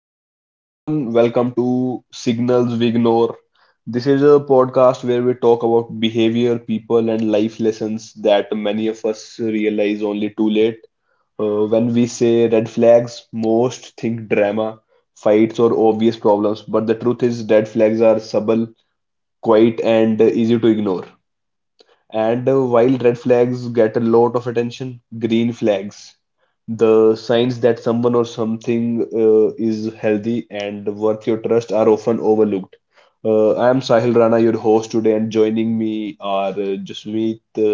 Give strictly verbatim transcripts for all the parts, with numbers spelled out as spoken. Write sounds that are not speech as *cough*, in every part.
hello everyone, welcome to Signals We Ignore. This is a podcast where we talk about behavior, people, and life lessons that many of us realize only too late. Uh, when we say red flags, most think drama, fights, or obvious problems, but the truth is, red flags are subtle, quiet, and easy to ignore. And uh, while red flags get a lot of attention, green flags, the signs that someone or something uh, is healthy and worth your trust, are often overlooked. Uh, I am Sahil Rana, your host today, and joining me are uh, Jasmeet, uh,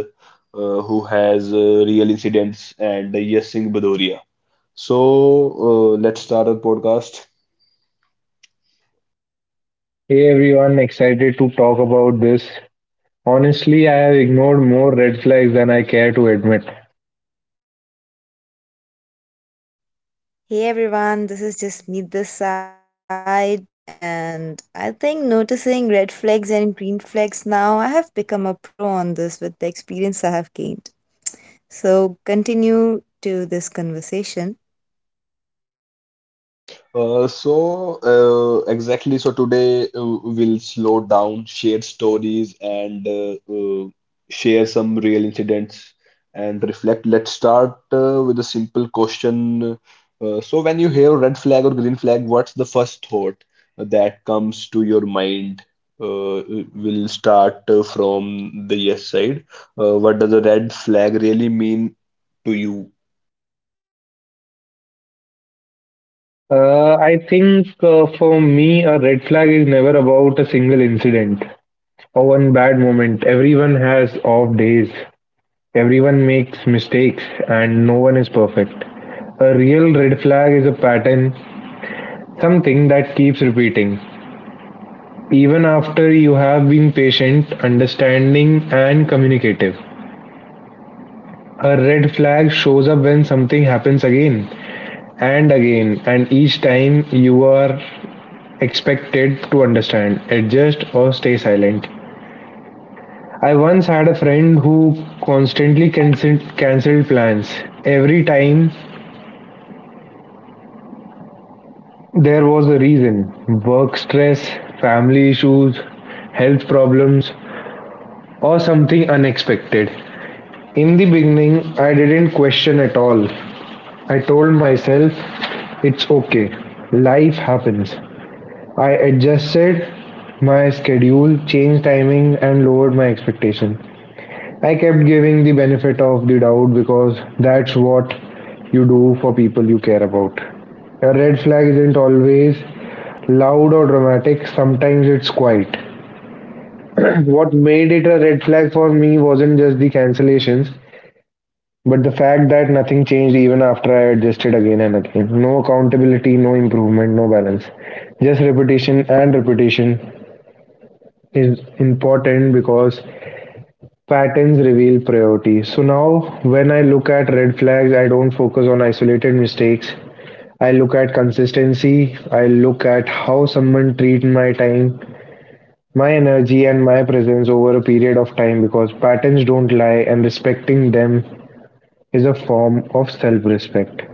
uh, who has uh, real incidents, and uh, Yasing Badoria. So uh, let's start our podcast. Hey everyone, excited to talk about this. Honestly, I have ignored more red flags than I care to admit. Hey everyone, this is just Meet this side, and I think noticing red flags and green flags now, I have become a pro on this with the experience I have gained. So, continue to this conversation. Uh, so, uh, exactly. So, today uh, we'll slow down, share stories, and uh, uh, share some real incidents and reflect. Let's start uh, with a simple question. Uh, so, when you hear red flag or green flag, what's the first thought that comes to your mind? Uh, we'll start uh, from the yes side. Uh, what does a red flag really mean to you? Uh, I think uh, for me, a red flag is never about a single incident or one bad moment. Everyone has off days, everyone makes mistakes, and no one is perfect. A real red flag is a pattern, something that keeps repeating, even after you have been patient, understanding, and communicative. A red flag shows up when something happens again and again, and each time you are expected to understand, adjust, or stay silent. I once had a friend who constantly cancelled cancelled plans. Every time there was a reason work stress, family issues, health problems, or something unexpected. In the beginning, I didn't question at all. I told myself, it's okay, life happens. I adjusted my schedule, changed timing, and lowered my expectation. I kept giving the benefit of the doubt because that's what you do for people you care about. A red flag isn't always loud or dramatic, sometimes it's quiet. *clears throat* What made it a red flag for me wasn't just the cancellations, but the fact that nothing changed even after I adjusted again and again. No accountability, no improvement, no balance. Just repetition and repetition is important because patterns reveal priority. So now when I look at red flags, I don't focus on isolated mistakes. I look at consistency. I look at how someone treats my time, my energy and my presence over a period of time because patterns don't lie and respecting them is a form of self-respect.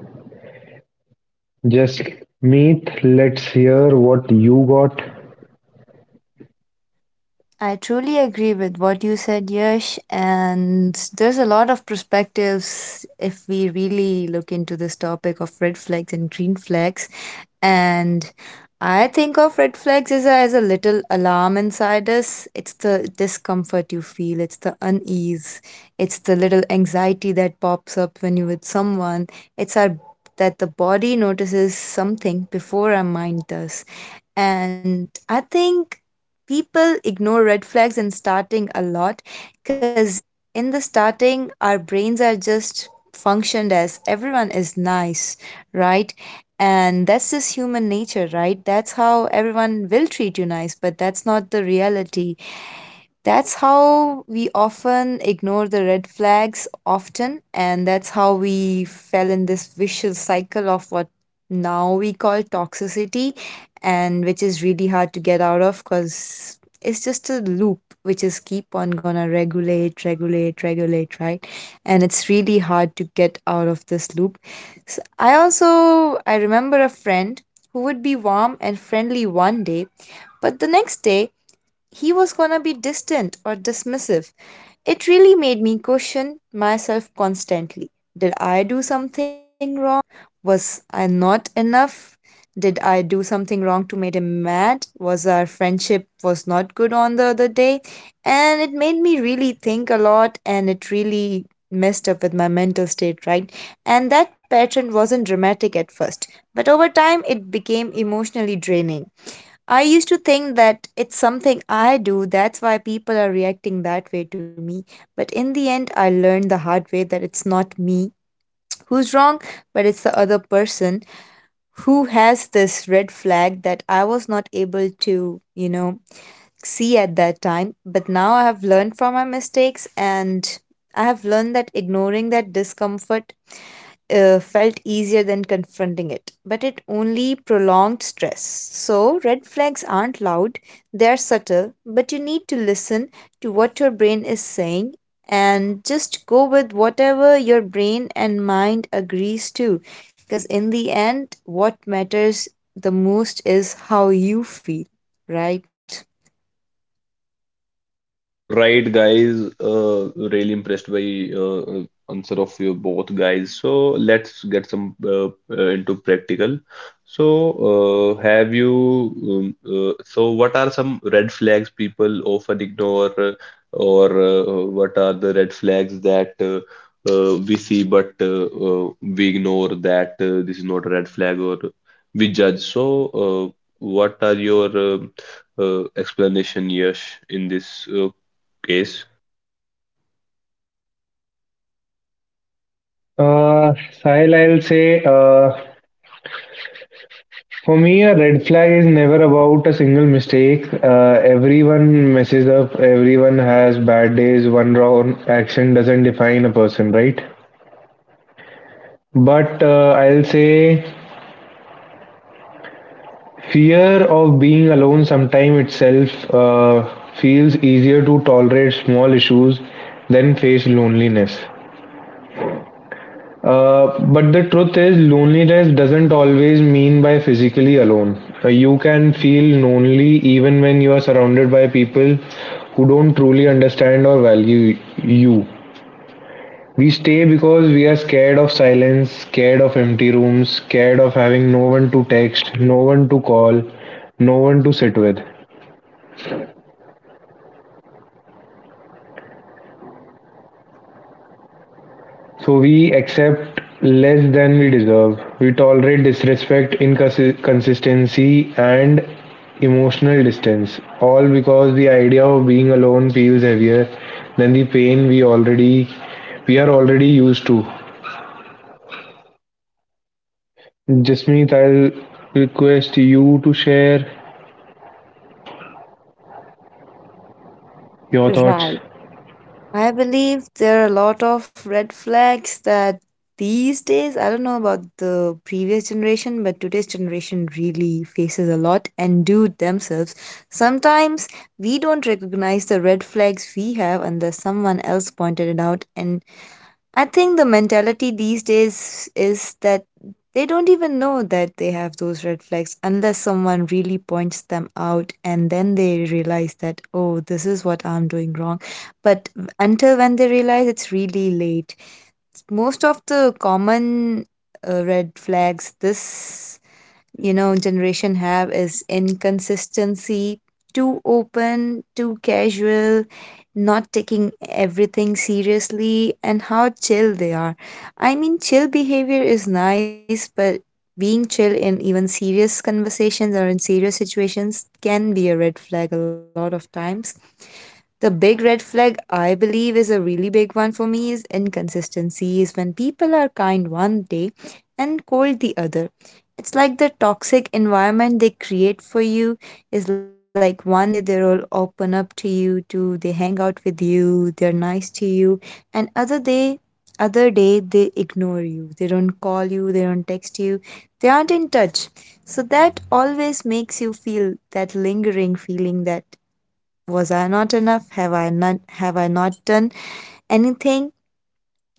Just meet, let's hear what you got. I truly agree with what you said, Yash, and there's a lot of perspectives if we really look into this topic of red flags and green flags. And I think of red flags as a, as a little alarm inside us. It's the discomfort you feel, it's the unease, it's the little anxiety that pops up when you're with someone. It's our that the body notices something before our mind does. And I think people ignore red flags in starting a lot because in the starting our brains are just functioned as everyone is nice, right? And that's just human nature, right? That's how everyone will treat you nice, but that's not the reality. That's how we often ignore the red flags often, and that's how we fell in this vicious cycle of what now we call toxicity, and which is really hard to get out of because it's just a loop which is keep on gonna regulate, regulate, regulate, right? And it's really hard to get out of this loop. S I I also, I remember a friend who would be warm and friendly one day, but the next day he was gonna be distant or dismissive. It really made me question myself constantly. Did I do something wrong? Was I not enough? Did I do something wrong to make him mad? Was our friendship was not good on the other day? And it made me really think a lot and it really messed up with my mental state, right? And that pattern wasn't dramatic at first, but over time it became emotionally draining. I used to think that it's something I do, that's why people are reacting that way to me. But in the end, I learned the hard way that it's not me who's wrong, but it's the other person who has this red flag that I was not able to, you know, see at that time. But now I have learned from my mistakes and I have learned that ignoring that discomfort uh, felt easier than confronting it, but it only prolonged stress. So, red flags aren't loud, they are subtle, but you need to listen to what your brain is saying and just go with whatever your brain and mind agrees to. Because in the end, what matters the most is how you feel, right? Uh, right, guys. Uh, really impressed by uh, uh, answer of you both guys. So let's get some uh, uh, into practical. So uh, have you? Um, uh, so what are some red flags people often ignore, uh, or uh, what are the red flags that uh, uh, we see but uh, uh, we ignore that uh, this is not a red flag or we judge. So uh, what are your um, uh, explanation, Yash, in this? Uh, case. Uh, Sahil, I'll say uh, for me, a red flag is never about a single mistake. Uh, everyone messes up, everyone has bad days, one wrong action doesn't define a person, right? But uh, I'll say fear of being alone sometime itself uh, feels easier to tolerate small issues than face loneliness. Uh, but the truth is, loneliness doesn't always mean by physically alone. Uh, you can feel lonely even when you are surrounded by people who don't truly understand or value you. We stay because we are scared of silence, scared of empty rooms, scared of having no one to text, no one to call, no one to sit with. So we accept less than we deserve. We tolerate disrespect, inconsistency, and emotional distance. All because the idea of being alone feels heavier than the pain we already we are already used to. Jasmeet, I'll request you to share your thoughts. Right. I believe there are a lot of red flags that these days, I don't know about the previous generation, but today's generation really faces a lot and do themselves. Sometimes we don't recognize the red flags we have unless someone else pointed it out, and I think the mentality these days is that they don't even know that they have those red flags unless someone really points them out and then they realize that, oh, this is what I'm doing wrong. But until when they realize it's really late. Most of the common uh, red flags this, you know, generation have is inconsistency, too open, too casual, not taking everything seriously, and how chill they are. I mean, chill behavior is nice, but being chill in even serious conversations or in serious situations can be a red flag a lot of times. The big red flag I believe is a really big one for me is inconsistency, is when people are kind one day and cold the other. It's like the toxic environment they create for you is like one day they'll open up to you, to they hang out with you, they're nice to you, and other day other day they ignore you, they don't call you, they don't text you, they aren't in touch. So that always makes you feel that lingering feeling that was I not enough, have i not have i not done anything.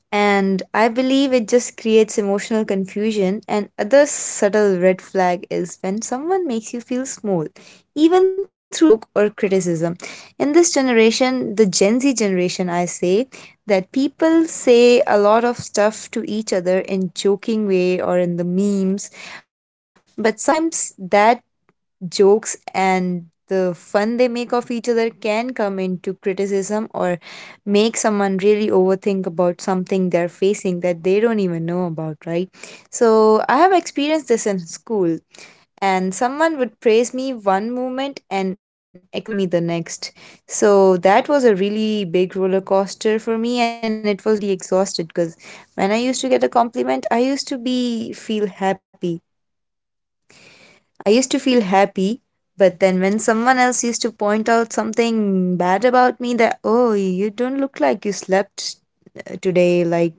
And I believe it just creates emotional confusion. And other subtle red flag is when someone makes you feel small, even through joke or criticism. In this generation, the Gen Z generation, I say that people say a lot of stuff to each other in joking way or in the memes, but sometimes that jokes and the fun they make of each other can come into criticism or make someone really overthink about something they're facing that they don't even know about, right? So I have experienced this in school, and someone would praise me one moment and exclude me the next. So that was a really big roller coaster for me, and it was really exhausted because when I used to get a compliment, I used to be feel happy I used to feel happy, but then when someone else used to point out something bad about me that, oh, you don't look like you slept today, like,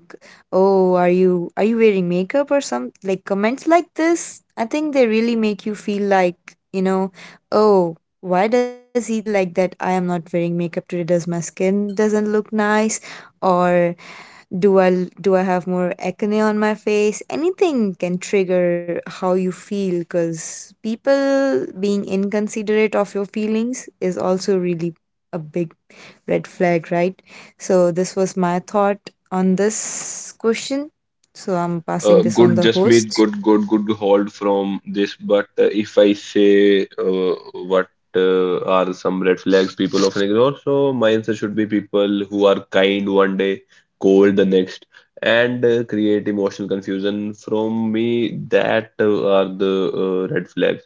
oh, are you are you wearing makeup or some like comments like this, I think they really make you feel like, you know, oh, why does he feel like that I am not wearing makeup today? Does my skin doesn't look nice, or do I do I have more acne on my face? Anything can trigger how you feel because people being inconsiderate of your feelings is also really a big red flag, right? So this was my thought on this question. So I'm Uh, passing this on good the just means host. good, good, good hold from this. But uh, if I say uh, what uh, are some red flags people often ignore, so my answer should be people who are kind one day, cold the next, and uh, create emotional confusion from me. That uh, are the uh, red flags.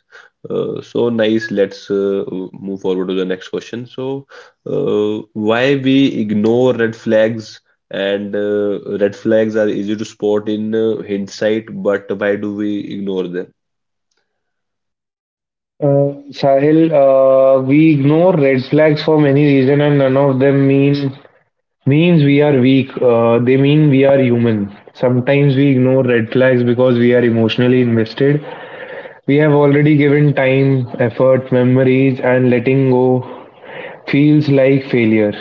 Uh, so nice. Let's uh, move forward to the next question. So, uh, why we ignore red flags and uh, red flags are easy to spot in uh, hindsight, but why do we ignore them? Uh, Sahil, uh, we ignore red flags for many reasons, and none of them mean means we are weak. Uh, they mean we are human. Sometimes we ignore red flags because we are emotionally invested. We have already given time, effort, memories, and letting go feels like failure.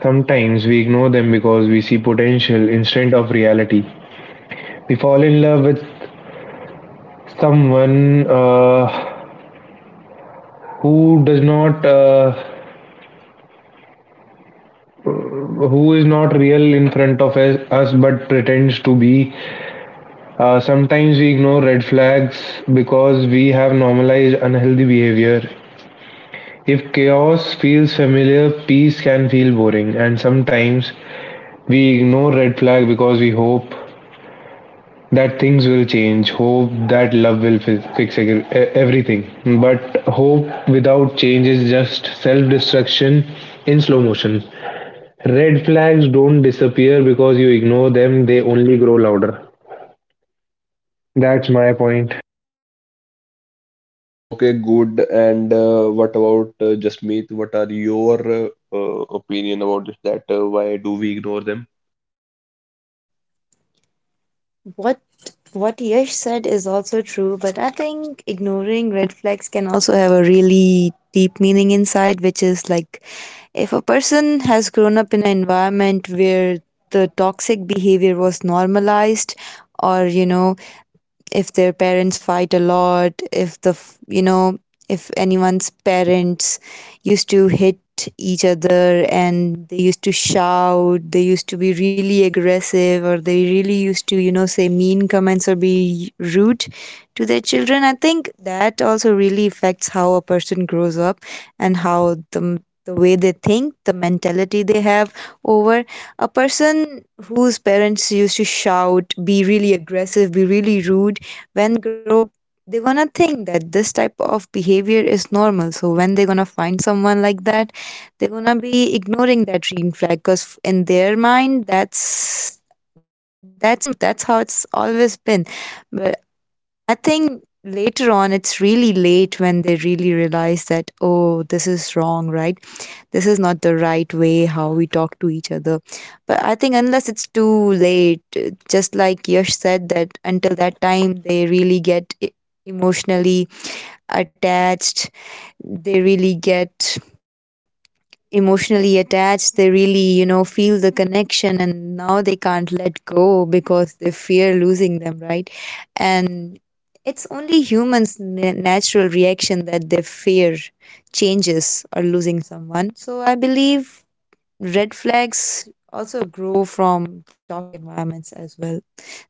Sometimes we ignore them because we see potential instead of reality. We fall in love with someone uh, who does not, uh, who is not real in front of us, us but pretends to be. Uh, sometimes we ignore red flags because we have normalized unhealthy behavior. If chaos feels familiar, peace can feel boring, and sometimes we ignore red flag because we hope that things will change, hope that love will fi- fix eg- e- everything. But hope without change is just self destruction in slow motion. Red flags don't disappear because you ignore them, they only grow louder. That's my point. Okay, good. And uh, what about uh, Jasmeet? What are your uh, uh, opinion about this? That uh, why do we ignore them? What what Yash said is also true, but I think ignoring red flags can also have a really deep meaning inside, which is like, if a person has grown up in an environment where the toxic behavior was normalized, or, you know, if their parents fight a lot, if the, f- you know, if anyone's parents used to hit each other and they used to shout, they used to be really aggressive, or they really used to, you know, say mean comments or be rude to their children. I think that also really affects how a person grows up and how the the way they think, the mentality they have over a person whose parents used to shout, be really aggressive, be really rude, when grow up, they're gonna think that this type of behavior is normal. So when they're gonna find someone like that, they're gonna be ignoring that green flag because in their mind, that's that's normal. That's how it's always been. But I think later on, it's really late when they really realize that, oh, this is wrong, right? This is not the right way how we talk to each other. But I think unless it's too late, uh, just like Yash said, that until that time they really get e- emotionally attached, they really get emotionally attached, they really, you know, feel the connection, and now they can't let go because they fear losing them, right? And it's only humans' na- natural reaction that they fear changes or losing someone. So I believe red flags also grow from toxic environments as well.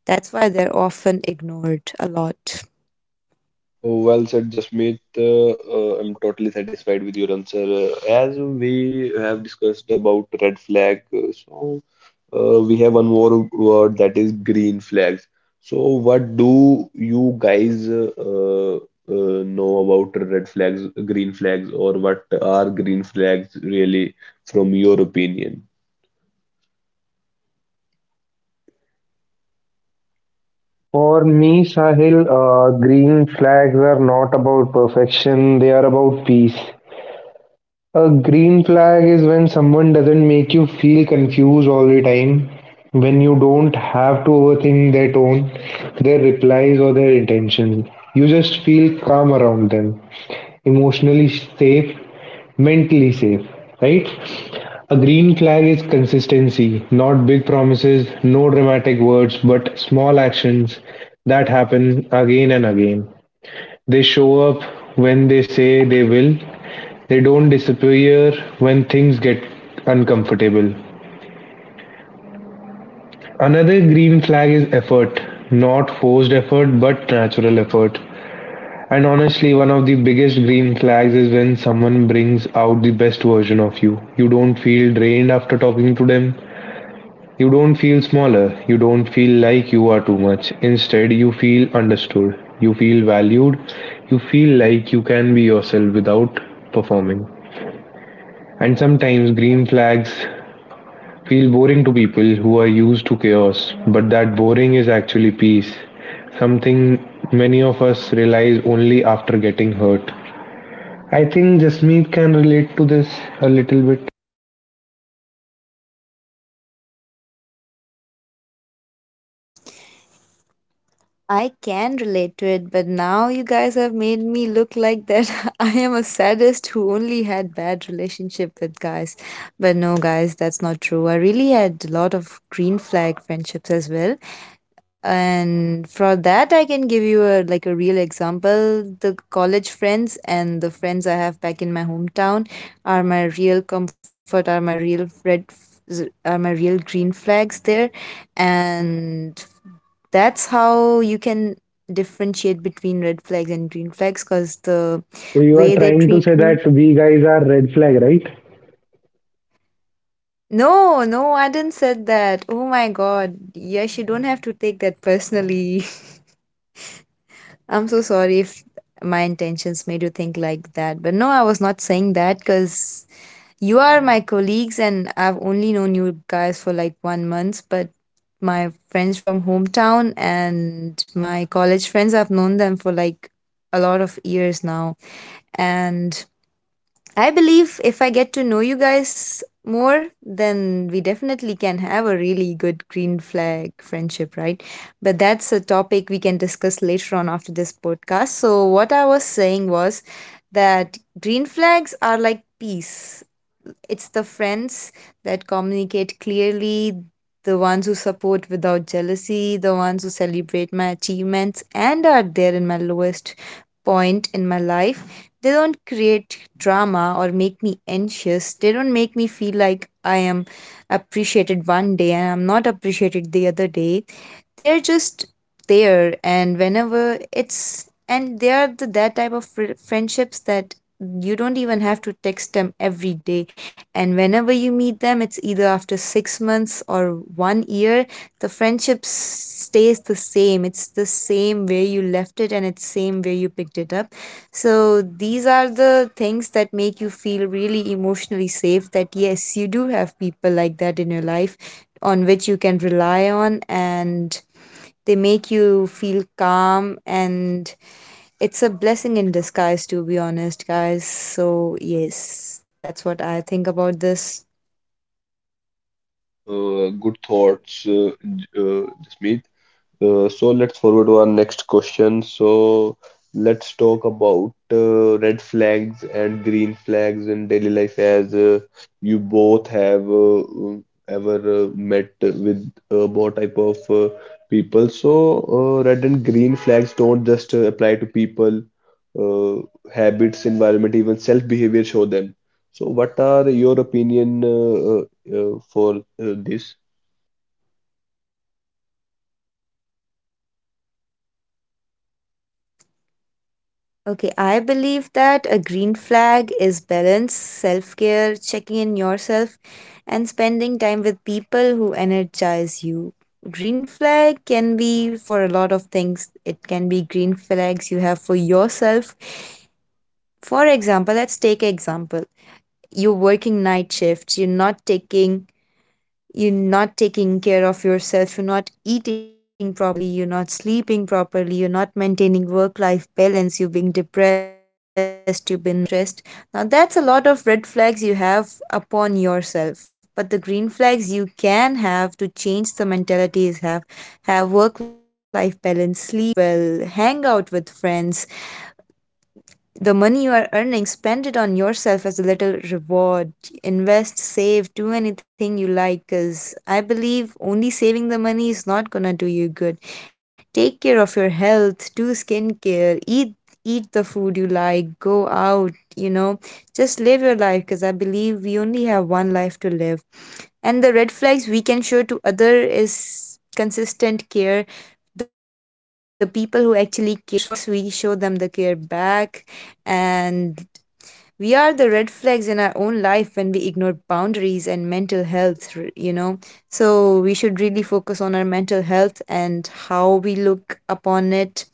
That's why they're often ignored a lot. Well said, Jasmeet. Uh, uh, I'm totally satisfied with your answer. Uh, as we have discussed about red flag, uh, so uh, we have one more word that is green flags. So, what do you guys uh, uh, know about red flags, green flags, or what are green flags really from your opinion? For me, Sahil, uh, green flags are not about perfection, they are about peace. A green flag is when someone doesn't make you feel confused all the time, when you don't have to overthink their tone, their replies, or their intentions. You just feel calm around them, emotionally safe, mentally safe, right? A green flag is consistency, not big promises, no dramatic words, but small actions that happen again and again. They show up when they say they will. They don't disappear when things get uncomfortable. Another green flag is effort, not forced effort, but natural effort. And honestly, one of the biggest green flags is when someone brings out the best version of you. You don't feel drained after talking to them. You don't feel smaller, you don't feel like you are too much. Instead, you feel understood, you feel valued, you feel like you can be yourself without performing. And sometimes green flags feel boring to people who are used to chaos, but that boring is actually peace, something many of us realize only after getting hurt. I think Jasmeet can relate to this a little bit. I can relate to it, but now you guys have made me look like that *laughs* I am a sadist who only had bad relationship with guys. But no guys, that's not true. I really had a lot of green flag friendships as well. And for that I can give you a like a real example. The college friends and the friends I have back in my hometown are my real comfort, are my real red f- z- are my real green flags there. And that's how you can differentiate between red flags and green flags because the So you are way they trying to say treat that you. we guys are red flag, right? No, no, I didn't said that. Oh my god, yes, you don't have to take that personally. *laughs* I'm so sorry if my intentions made you think like that. But no, I was not saying that because you are my colleagues and I've only known you guys for like one month. But my friends from hometown and my college friends, I've known them for like a lot of years now. And I believe if I get to know you guys more, then we definitely can have a really good green flag friendship, right? But that's a topic we can discuss later on after this podcast. So, what I was saying was that green flags are like peace. It's the friends that communicate clearly, the ones who support without jealousy, the ones who celebrate my achievements and are there in my lowest point in my life. They don't create drama or make me anxious. They don't make me feel like I am appreciated one day and I'm not appreciated the other day. They're just there and whenever it's and they are the, that type of fri friendships that you don't even have to text them every day, and whenever you meet them, it's either after six months or one year. The friendship s- stays the same. It's the same where you left it and it's same where you picked it up. So these are the things that make you feel really emotionally safe, that yes, you do have people like that in your life on which you can rely on, and they make you feel calm, and it's a blessing in disguise, to be honest, guys. So yes, that's what I think about this. Uh, good thoughts, uh, J- uh, Jasmeet. Uh, so let's forward to our next question. So let's talk about uh, red flags and green flags in daily life as uh, you both have uh, um, ever uh, met with uh, what type of uh, people. So uh, red and green flags don't just uh, apply to people, uh, habits, environment, even self-behavior show them. So what are your opinion uh, uh, uh, for uh, this? Okay, I believe that a green flag is balance, self care, checking in yourself, and spending time with people who energize you. Green flag can be for a lot of things. It can be green flags you have for yourself. For example, let's take example. You're working night shifts, you're not taking you're not taking care of yourself, you're not eating properly, you're not sleeping properly, you're not maintaining work life balance, you've been depressed, you've been mentally stressed. Now, that's a lot of red flags you have upon yourself. But the green flags you can have to change the mentalities, have have work life balance, sleep well, hang out with friends, the money you are earning, spend it on yourself as a little reward. Invest, save, do anything you like, because I believe only saving the money is not gonna do you good. Take care of your health, do skincare, eat eat the food you like, go out, you know, just live your life, because I believe we only have one life to live. And the red flags we can show to other is consistent care. The people who actually cares for us, we show them the care back. And we are the red flags in our own life when we ignore boundaries and mental health, r- you know. So we should really focus on our mental health and how we look upon it.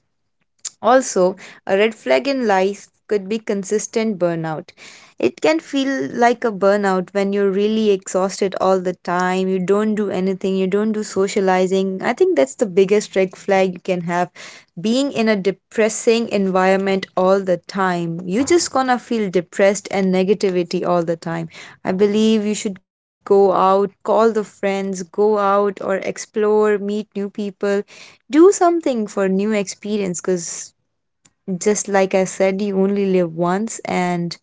Also, a red flag in life could be consistent burnout. It can feel like a burnout when you're really exhausted all the time. You don't do anything, you don't do socializing. I think that's the biggest red flag you can have. Being in a depressing environment all the time, you're just gonna feel depressed and negativity all the time. I believe you should go out, call the friends, go out or explore, meet new people, do something for new experience, because just like I said, you only live once. And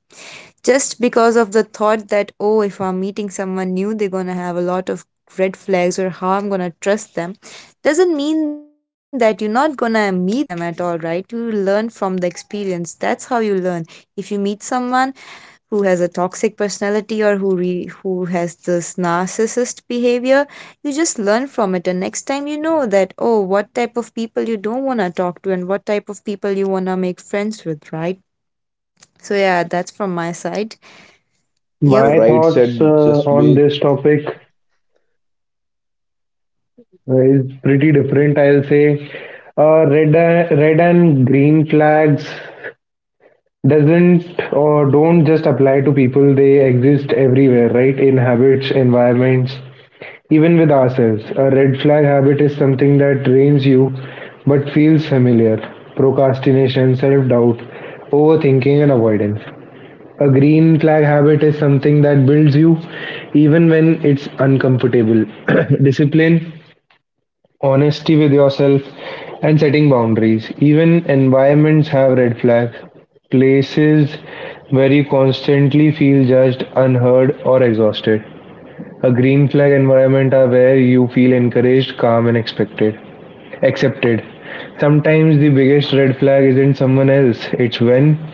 just because of the thought that, oh, if I'm meeting someone new, they're going to have a lot of red flags or how I'm going to trust them, doesn't mean that you're not going to meet them at all, right? You learn from the experience, that's how you learn. If you meet someone who has a toxic personality or who re- who has this narcissist behavior, you just learn from it, and next time you know that, oh, what type of people you don't want to talk to and what type of people you want to make friends with, right? So yeah, that's from my side. Yep, My Right thoughts uh, said, on Jasmeet. this topic is pretty different, I'll say. Uh, red, red and green flags doesn't or don't just apply to people, they exist everywhere, right? In habits, environments, even with ourselves. A red flag habit is something that drains you but feels familiar. Procrastination, self doubt, overthinking, and avoidance. A green flag habit is something that builds you even when it's uncomfortable. *coughs* *clears throat* Discipline, honesty with yourself, and setting boundaries. Even environments have red flags, places where you constantly feel judged, unheard, or exhausted. A green flag environment are where you feel encouraged, calm, and expected, accepted. Sometimes the biggest red flag isn't someone else, it's when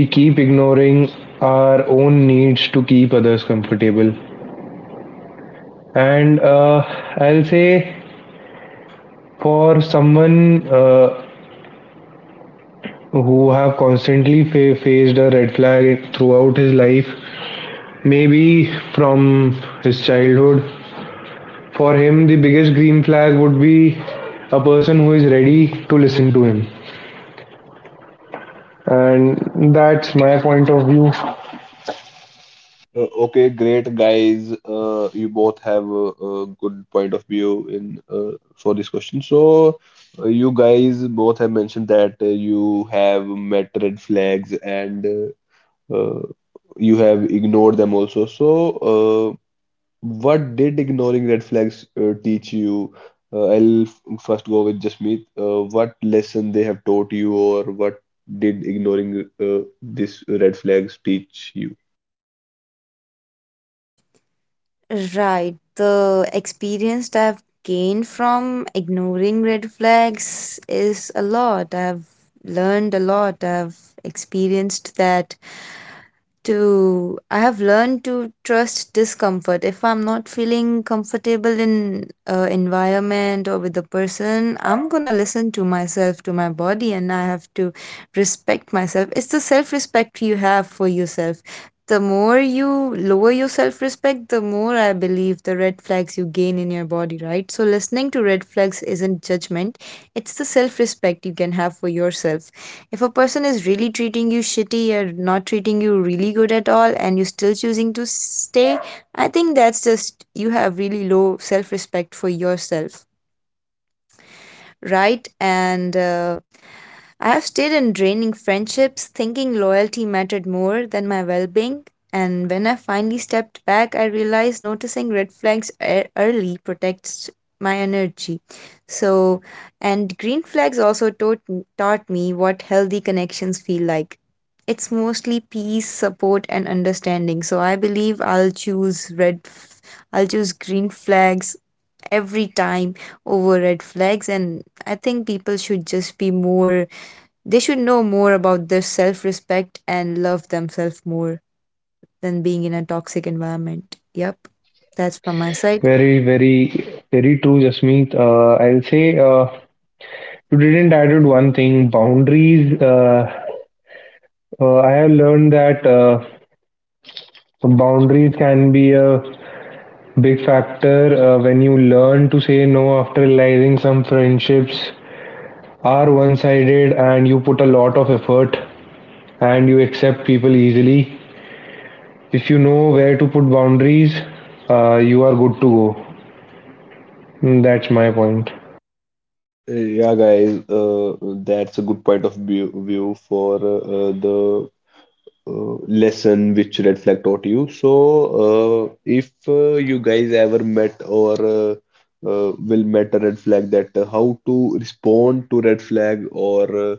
we keep ignoring our own needs to keep others comfortable and uh, I'll say for someone uh, who have constantly fa- faced a red flag throughout his life, maybe from his childhood, for him the biggest green flag would be a person who is ready to listen to him, and that's my point of view. Uh, Okay, great guys. Uh, you both have a, a good point of view in uh, for this question. So, uh, you guys both have mentioned that uh, you have met red flags and uh, uh, you have ignored them also. So, uh, what did ignoring red flags uh, teach you? Uh, I'll f- first go with Jasmeet. Uh, what lesson they have taught you, or what did ignoring uh, this red flags teach you? right. The experience that I've gained from ignoring red flags is a lot. I've learned a lot. I've experienced that to I have learned to trust discomfort. If I'm not feeling comfortable in uh, environment or with the person, I'm gonna listen to myself, to my body, and I have to respect myself. It's the self respect you have for yourself. The more you lower your self respect, the more I believe the red flags you gain in your body, right? So, listening to red flags isn't judgment, it's the self respect you can have for yourself. If a person is really treating you shitty or not treating you really good at all and you're still choosing to stay, I think that's just you have really low self respect for yourself, right? And uh, I have stayed in draining friendships, thinking loyalty mattered more than my well being. And when I finally stepped back, I realized noticing red flags e- early protects my energy. So, and green flags also taught, taught me what healthy connections feel like. It's mostly peace, support, and understanding. So I believe I'll choose red. F- I'll choose green flags every time over red flags. And I think people should just be more, they should know more about their self-respect and love themselves more than being in a toxic environment. Yep, that's from my side. Very very very true Jasmeet, uh, I'll say uh, you didn't added one thing, boundaries. uh, uh, I have learned that uh, boundaries can be a big factor. Uh, when you learn to say no after realizing some friendships are one sided and you put a lot of effort and you accept people easily, if you know where to put boundaries, uh, you are good to go. Mm, that's my point. Yeah, guys, uh, that's a good point of view, view for uh, the uh, lesson which Red Flag taught you. So, uh, if uh, you guys ever met or uh, uh, will met a red flag, that uh, how to respond to red flag or uh,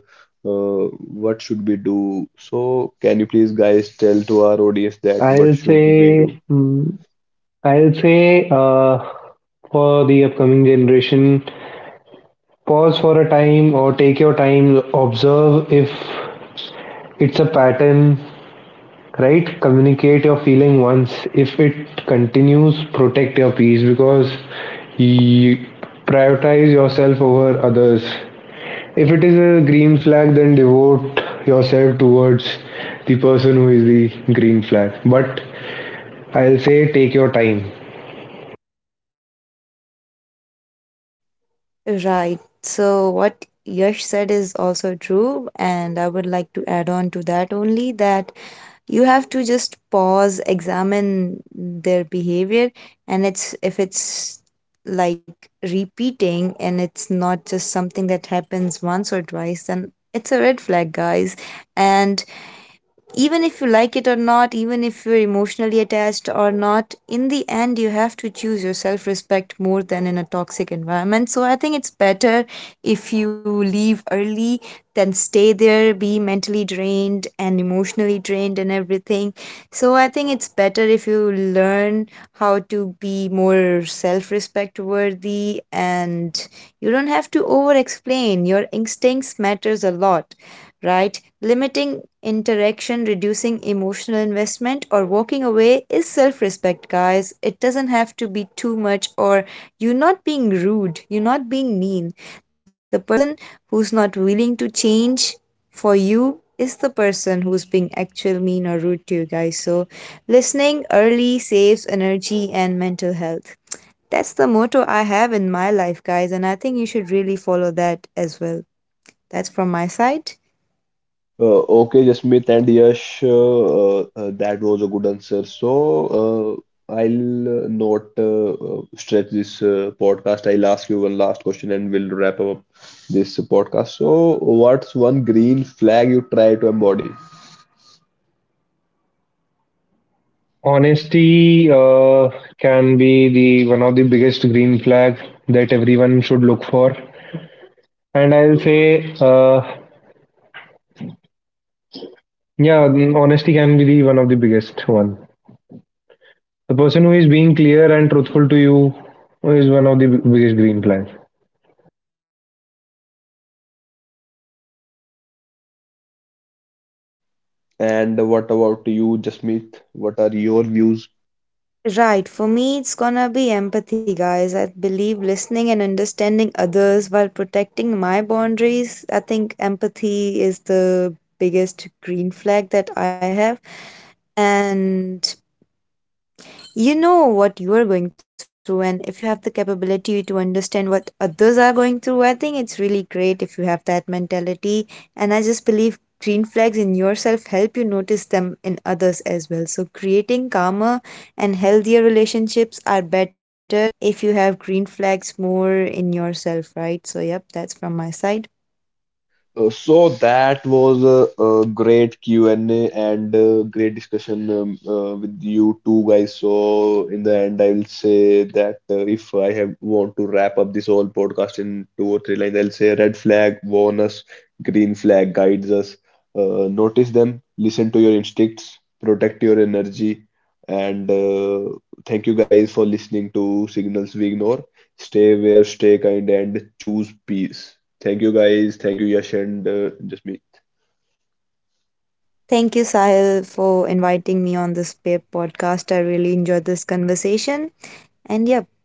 uh, what should we do? So, can you please guys tell to our audience that what i'll should we say do? mm, I'll say uh, for the upcoming generation, pause for a time or take your time, observe if it's a pattern, right? Communicate your feeling once. If it continues, protect your peace because you prioritize yourself over others. If it is a green flag, then devote yourself towards the person who is the green flag. But I'll say take your time. Right, so what Yash said is also true, and I would like to add on to that only that you have to just pause, examine their behavior, and it's if it's like repeating and it's not just something that happens once or twice, then it's a red flag, guys. And even if you like it or not, even if you're emotionally attached or not, in the end, you have to choose your self respect more than in a toxic environment. So I think it's better if you leave early than stay there, be mentally drained and emotionally drained and everything. So I think it's better if you learn how to be more self respect worthy, and you don't have to over explain. Your instincts matters a lot, right? Limiting interaction, reducing emotional investment, or walking away is self respect, guys. It doesn't have to be too much, or you're not being rude, you're not being mean. The person who's not willing to change for you is the person who's being actual mean or rude to you guys. So, listening early saves energy and mental health. That's the motto I have in my life, guys, and I think you should really follow that as well. That's from my side. Uh, okay, Jasmeet and Yash, uh, uh, uh, that was a good answer. So, uh, I'll uh, not uh, uh, stretch this uh, podcast. I'll ask you one last question and we'll wrap up this podcast. So, what's one green flag you try to embody? Honesty uh, can be the one of the biggest green flag that everyone should look for. And I'll say, uh, yeah, mm, honesty can be the one of the biggest one. The person who is being clear and truthful to you is one of the b- biggest green flags. And what about you, Jasmeet? What are your views? Right, for me, it's gonna be empathy, guys. I believe listening and understanding others while protecting my boundaries. I think empathy is the biggest green flag that I have. And you know what you are going through, and if you have the capability to understand what others are going through, I think it's really great if you have that mentality. And I just believe green flags in yourself help you notice them in others as well. So, creating calmer and healthier relationships are better if you have green flags more in yourself, right? So, yep, that's from my side. Uh, so that was a, a great Q and A and a and a great discussion um, uh, with you two guys. So in the end, I will say that uh, if I have want to wrap up this whole podcast in two or three lines, I'll say red flag warn us, green flag guides us. Uh, notice them, listen to your instincts, protect your energy, and uh, thank you guys for listening to Signals We Ignore. Stay aware, stay kind, and choose peace. Thank you, guys. Thank you, Yash and uh, just me. Thank you, Sahil, for inviting me on this pa- podcast. I really enjoyed this conversation. And yeah,